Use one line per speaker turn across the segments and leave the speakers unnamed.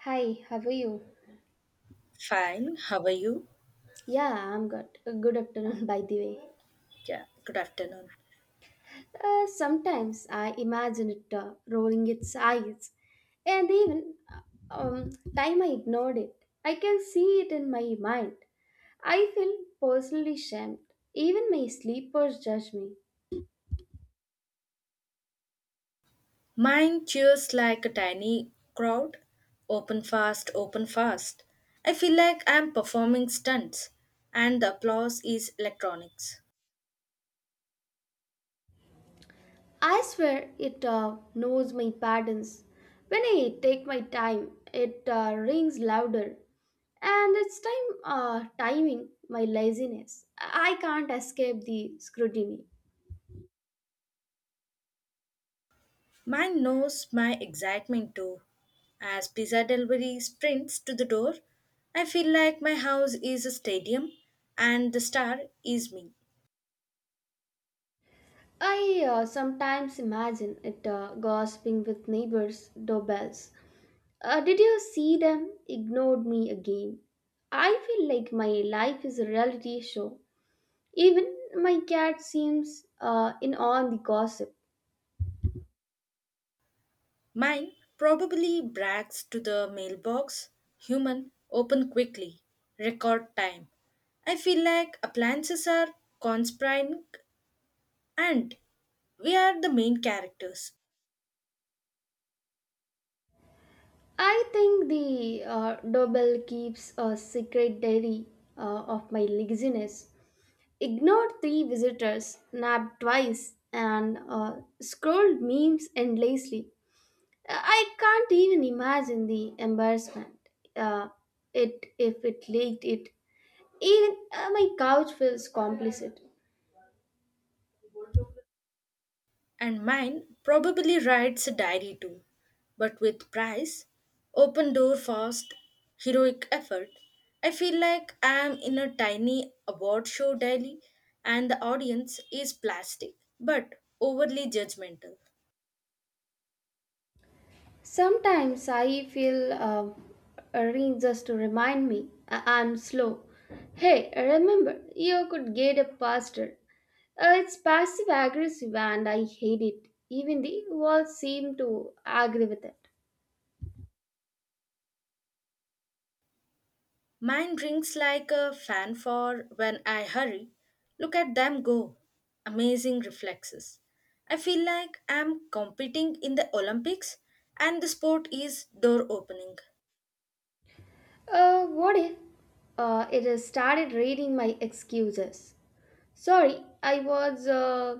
Hi, how are you?
Fine, how are you?
Yeah, I'm good. Good afternoon, by the way.
Yeah, good afternoon.
Sometimes I imagine it rolling its eyes, and even um, time I ignored it, I can see it in my mind. I feel personally shamed. Even my sleepers judge me.
Mine cheers like a tiny crowd. Open fast, open fast. I feel like I'm performing stunts, and the applause is electronics.
I swear it knows my patterns. When I take my time, it rings louder. And it's time timing my laziness. I can't escape the scrutiny.
Mine knows my excitement too. As pizza delivery sprints to the door, I feel like my house is a stadium and the star is me.
I sometimes imagine it gossiping with neighbors' doorbells. Did you see them? Ignored me again. I feel like my life is a reality show. Even my cat seems in on the gossip.
Mine probably brags to the mailbox, human, open quickly, record time. I feel like appliances are conspiring and we are the main characters.
I think the doorbell keeps a secret diary of my laziness. Ignored three visitors, napped twice, and scrolled memes endlessly. I can't even imagine the embarrassment. Uh, it If it leaked it. Even my couch feels complicit.
And mine probably writes a diary too, but with price, open door fast, heroic effort. I feel like I am in a tiny award show daily and the audience is plastic but overly judgmental.
Sometimes I feel a ring just to remind me I'm slow. Hey, remember, you could get up faster. It's passive aggressive and I hate it. Even the walls seem to agree with it.
Mine drinks like a fanfare when I hurry. Look at them go. Amazing reflexes. I feel like I'm competing in the Olympics and the sport is door opening.
What if it has started reading my excuses? Sorry, I was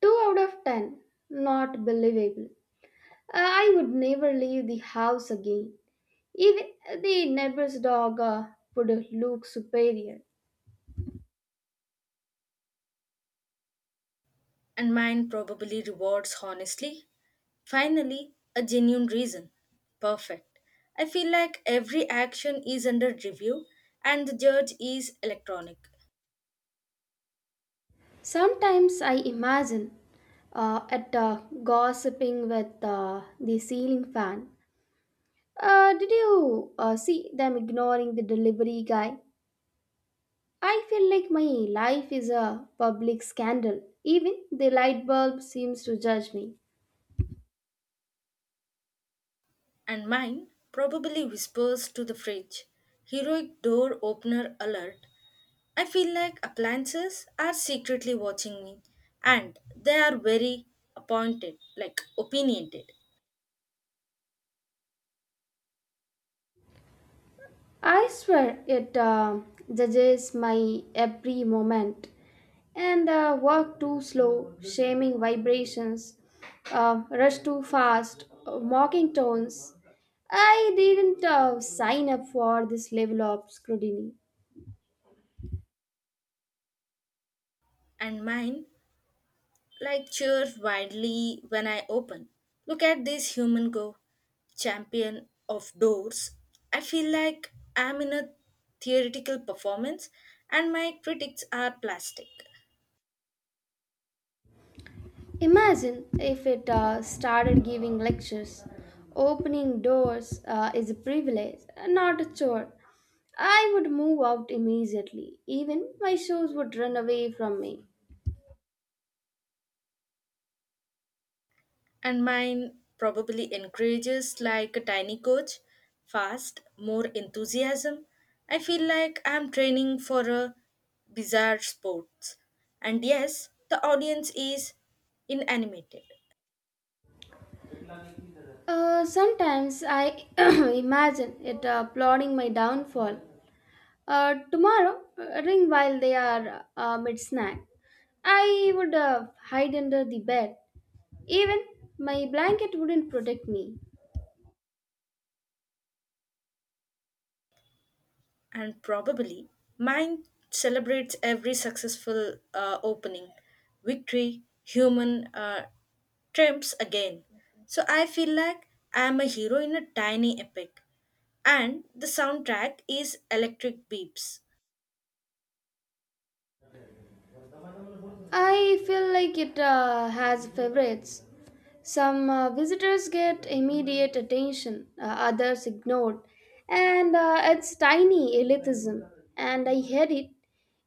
2 out of 10. Not believable. I would never leave the house again. Even the neighbor's dog would look superior.
And mine probably rewards honestly. Finally, a genuine reason. Perfect. I feel like every action is under review and the judge is electronic.
Sometimes I imagine at gossiping with the ceiling fan. Did you see them ignoring the delivery guy? I feel like my life is a public scandal. Even the light bulb seems to judge me.
And mine probably whispers to the fridge, heroic door opener alert. I feel like appliances are secretly watching me and they are very appointed, like opinionated.
I swear it judges my every moment and walk too slow, shaming vibrations, rush too fast, mocking tones. I didn't sign up for this level of scrutiny.
And mine like cheers wildly when I open. Look at this human go, champion of doors. I feel like I'm in a theoretical performance and my critics are plastic.
Imagine if it started giving lectures. Opening doors is a privilege, not a chore. I would move out immediately. Even my shoes would run away from me.
And mine probably encourages like a tiny coach, fast, more enthusiasm. I feel like I'm training for a bizarre sports. And yes, the audience is inanimated.
Sometimes I imagine it plotting my downfall. Tomorrow, ring while they are mid snack. I would hide under the bed. Even my blanket wouldn't protect me.
And probably mine celebrates every successful opening, victory, human triumphs again. So I feel like I am a hero in a tiny epic. And the soundtrack is Electric Beeps.
I feel like it has favorites. Some visitors get immediate attention, others ignored, and it's tiny elitism, and I hate it.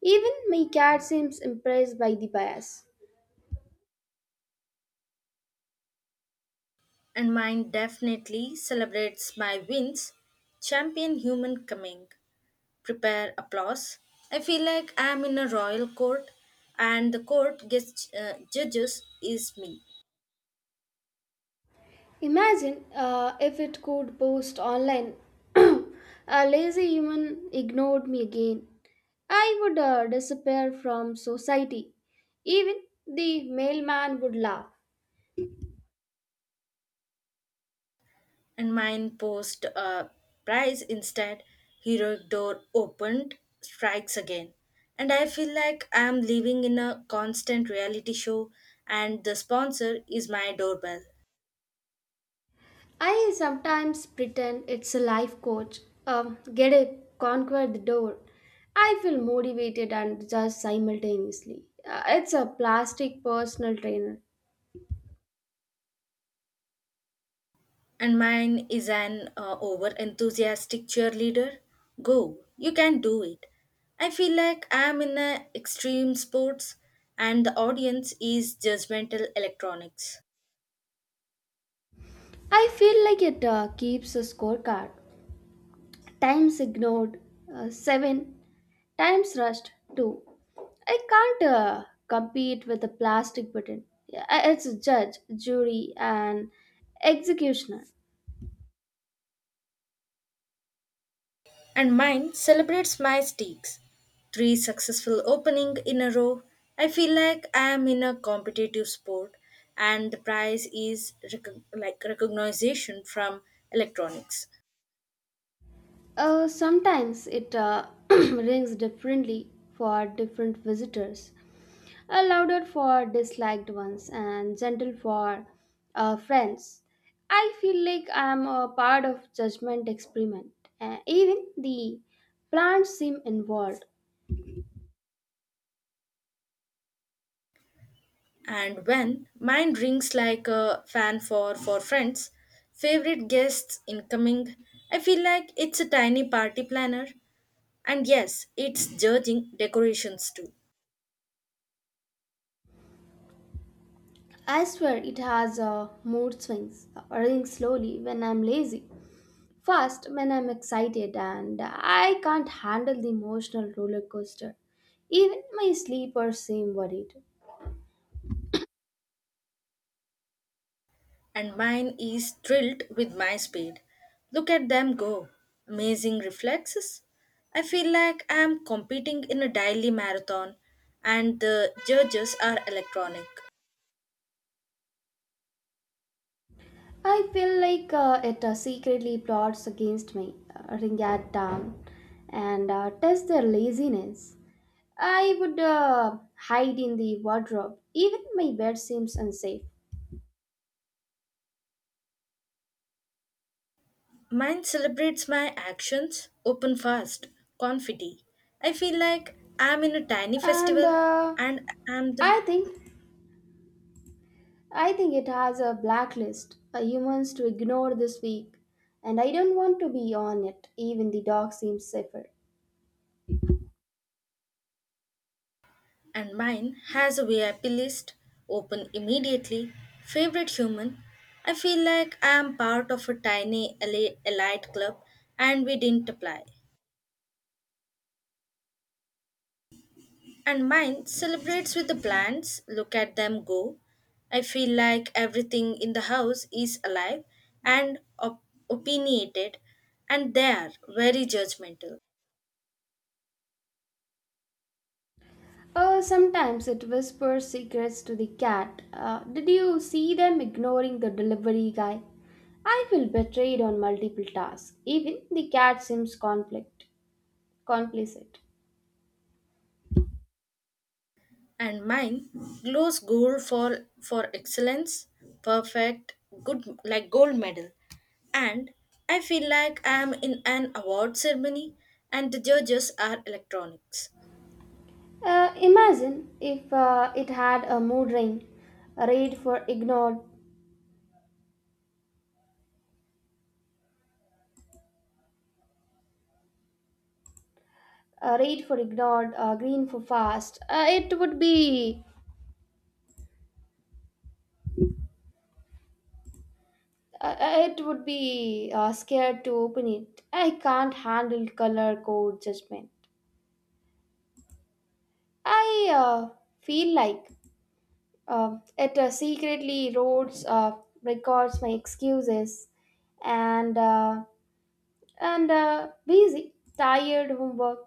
Even my cat seems impressed by the bias.
And mine definitely celebrates my wins. Champion human coming. Prepare applause. I feel like I am in a royal court and the court judges is me.
Imagine if it could post online. A lazy human ignored me again. I would disappear from society. Even the mailman would laugh.
And mine post a prize instead, heroic door opened strikes again. And I feel like I am living in a constant reality show, and the sponsor is my doorbell.
I sometimes pretend it's a life coach. Get a conquer the door. I feel motivated and just simultaneously. It's a plastic personal trainer.
And mine is an over enthusiastic cheerleader, go, you can do it. I feel like I am in a extreme sports, and the audience is judgmental electronics.
I feel like it keeps a scorecard. Times ignored, seven. Times rushed, two. I can't compete with a plastic button. Yeah, it's a judge, jury, and executioner.
And mine celebrates my stakes. Three successful opening in a row. I feel like I am in a competitive sport and the prize is like recognition from electronics.
Sometimes it rings differently for different visitors. Louder for disliked ones and gentle for friends. I feel like I'm a part of judgment experiment. Even the plants seem involved.
And when mine rings like a fan for friends, favorite guests incoming, I feel like it's a tiny party planner. And yes, it's judging decorations too.
I swear it has mood swings, running slowly when I'm lazy, fast when I'm excited, and I can't handle the emotional roller coaster. Even my sleepers seem worried.
And mine is thrilled with my speed. Look at them go. Amazing reflexes. I feel like I am competing in a daily marathon and the judges are electronic.
I feel like it secretly plots against me, ring it down, and test their laziness. I would hide in the wardrobe. Even my bed seems unsafe.
Mine celebrates my actions, open fast, confetti. I feel like I am in a tiny
And
festival and I am the.
I think I think it has a blacklist, a humans to ignore this week, and I don't want to be on it. Even the dog seems safer.
And mine has a VIP list, open immediately. Favorite human. I feel like I am part of a tiny elite club and we didn't apply. And mine celebrates with the plants, look at them go. I feel like everything in the house is alive and opinionated, and they are very judgmental.
Sometimes it whispers secrets to the cat. Did you see them ignoring the delivery guy? I feel betrayed on multiple tasks. Even the cat seems complicit.
And mine glows gold for excellence, perfect, good like gold medal. And I feel like I am in an award ceremony and the judges are electronics.
Imagine if it had a mood ring, a red for ignored, a red for ignored, a green for fast. Uh, It would be scared to open it. I can't handle color code judgment. I feel like it secretly records my excuses and uh, and busy, tired homework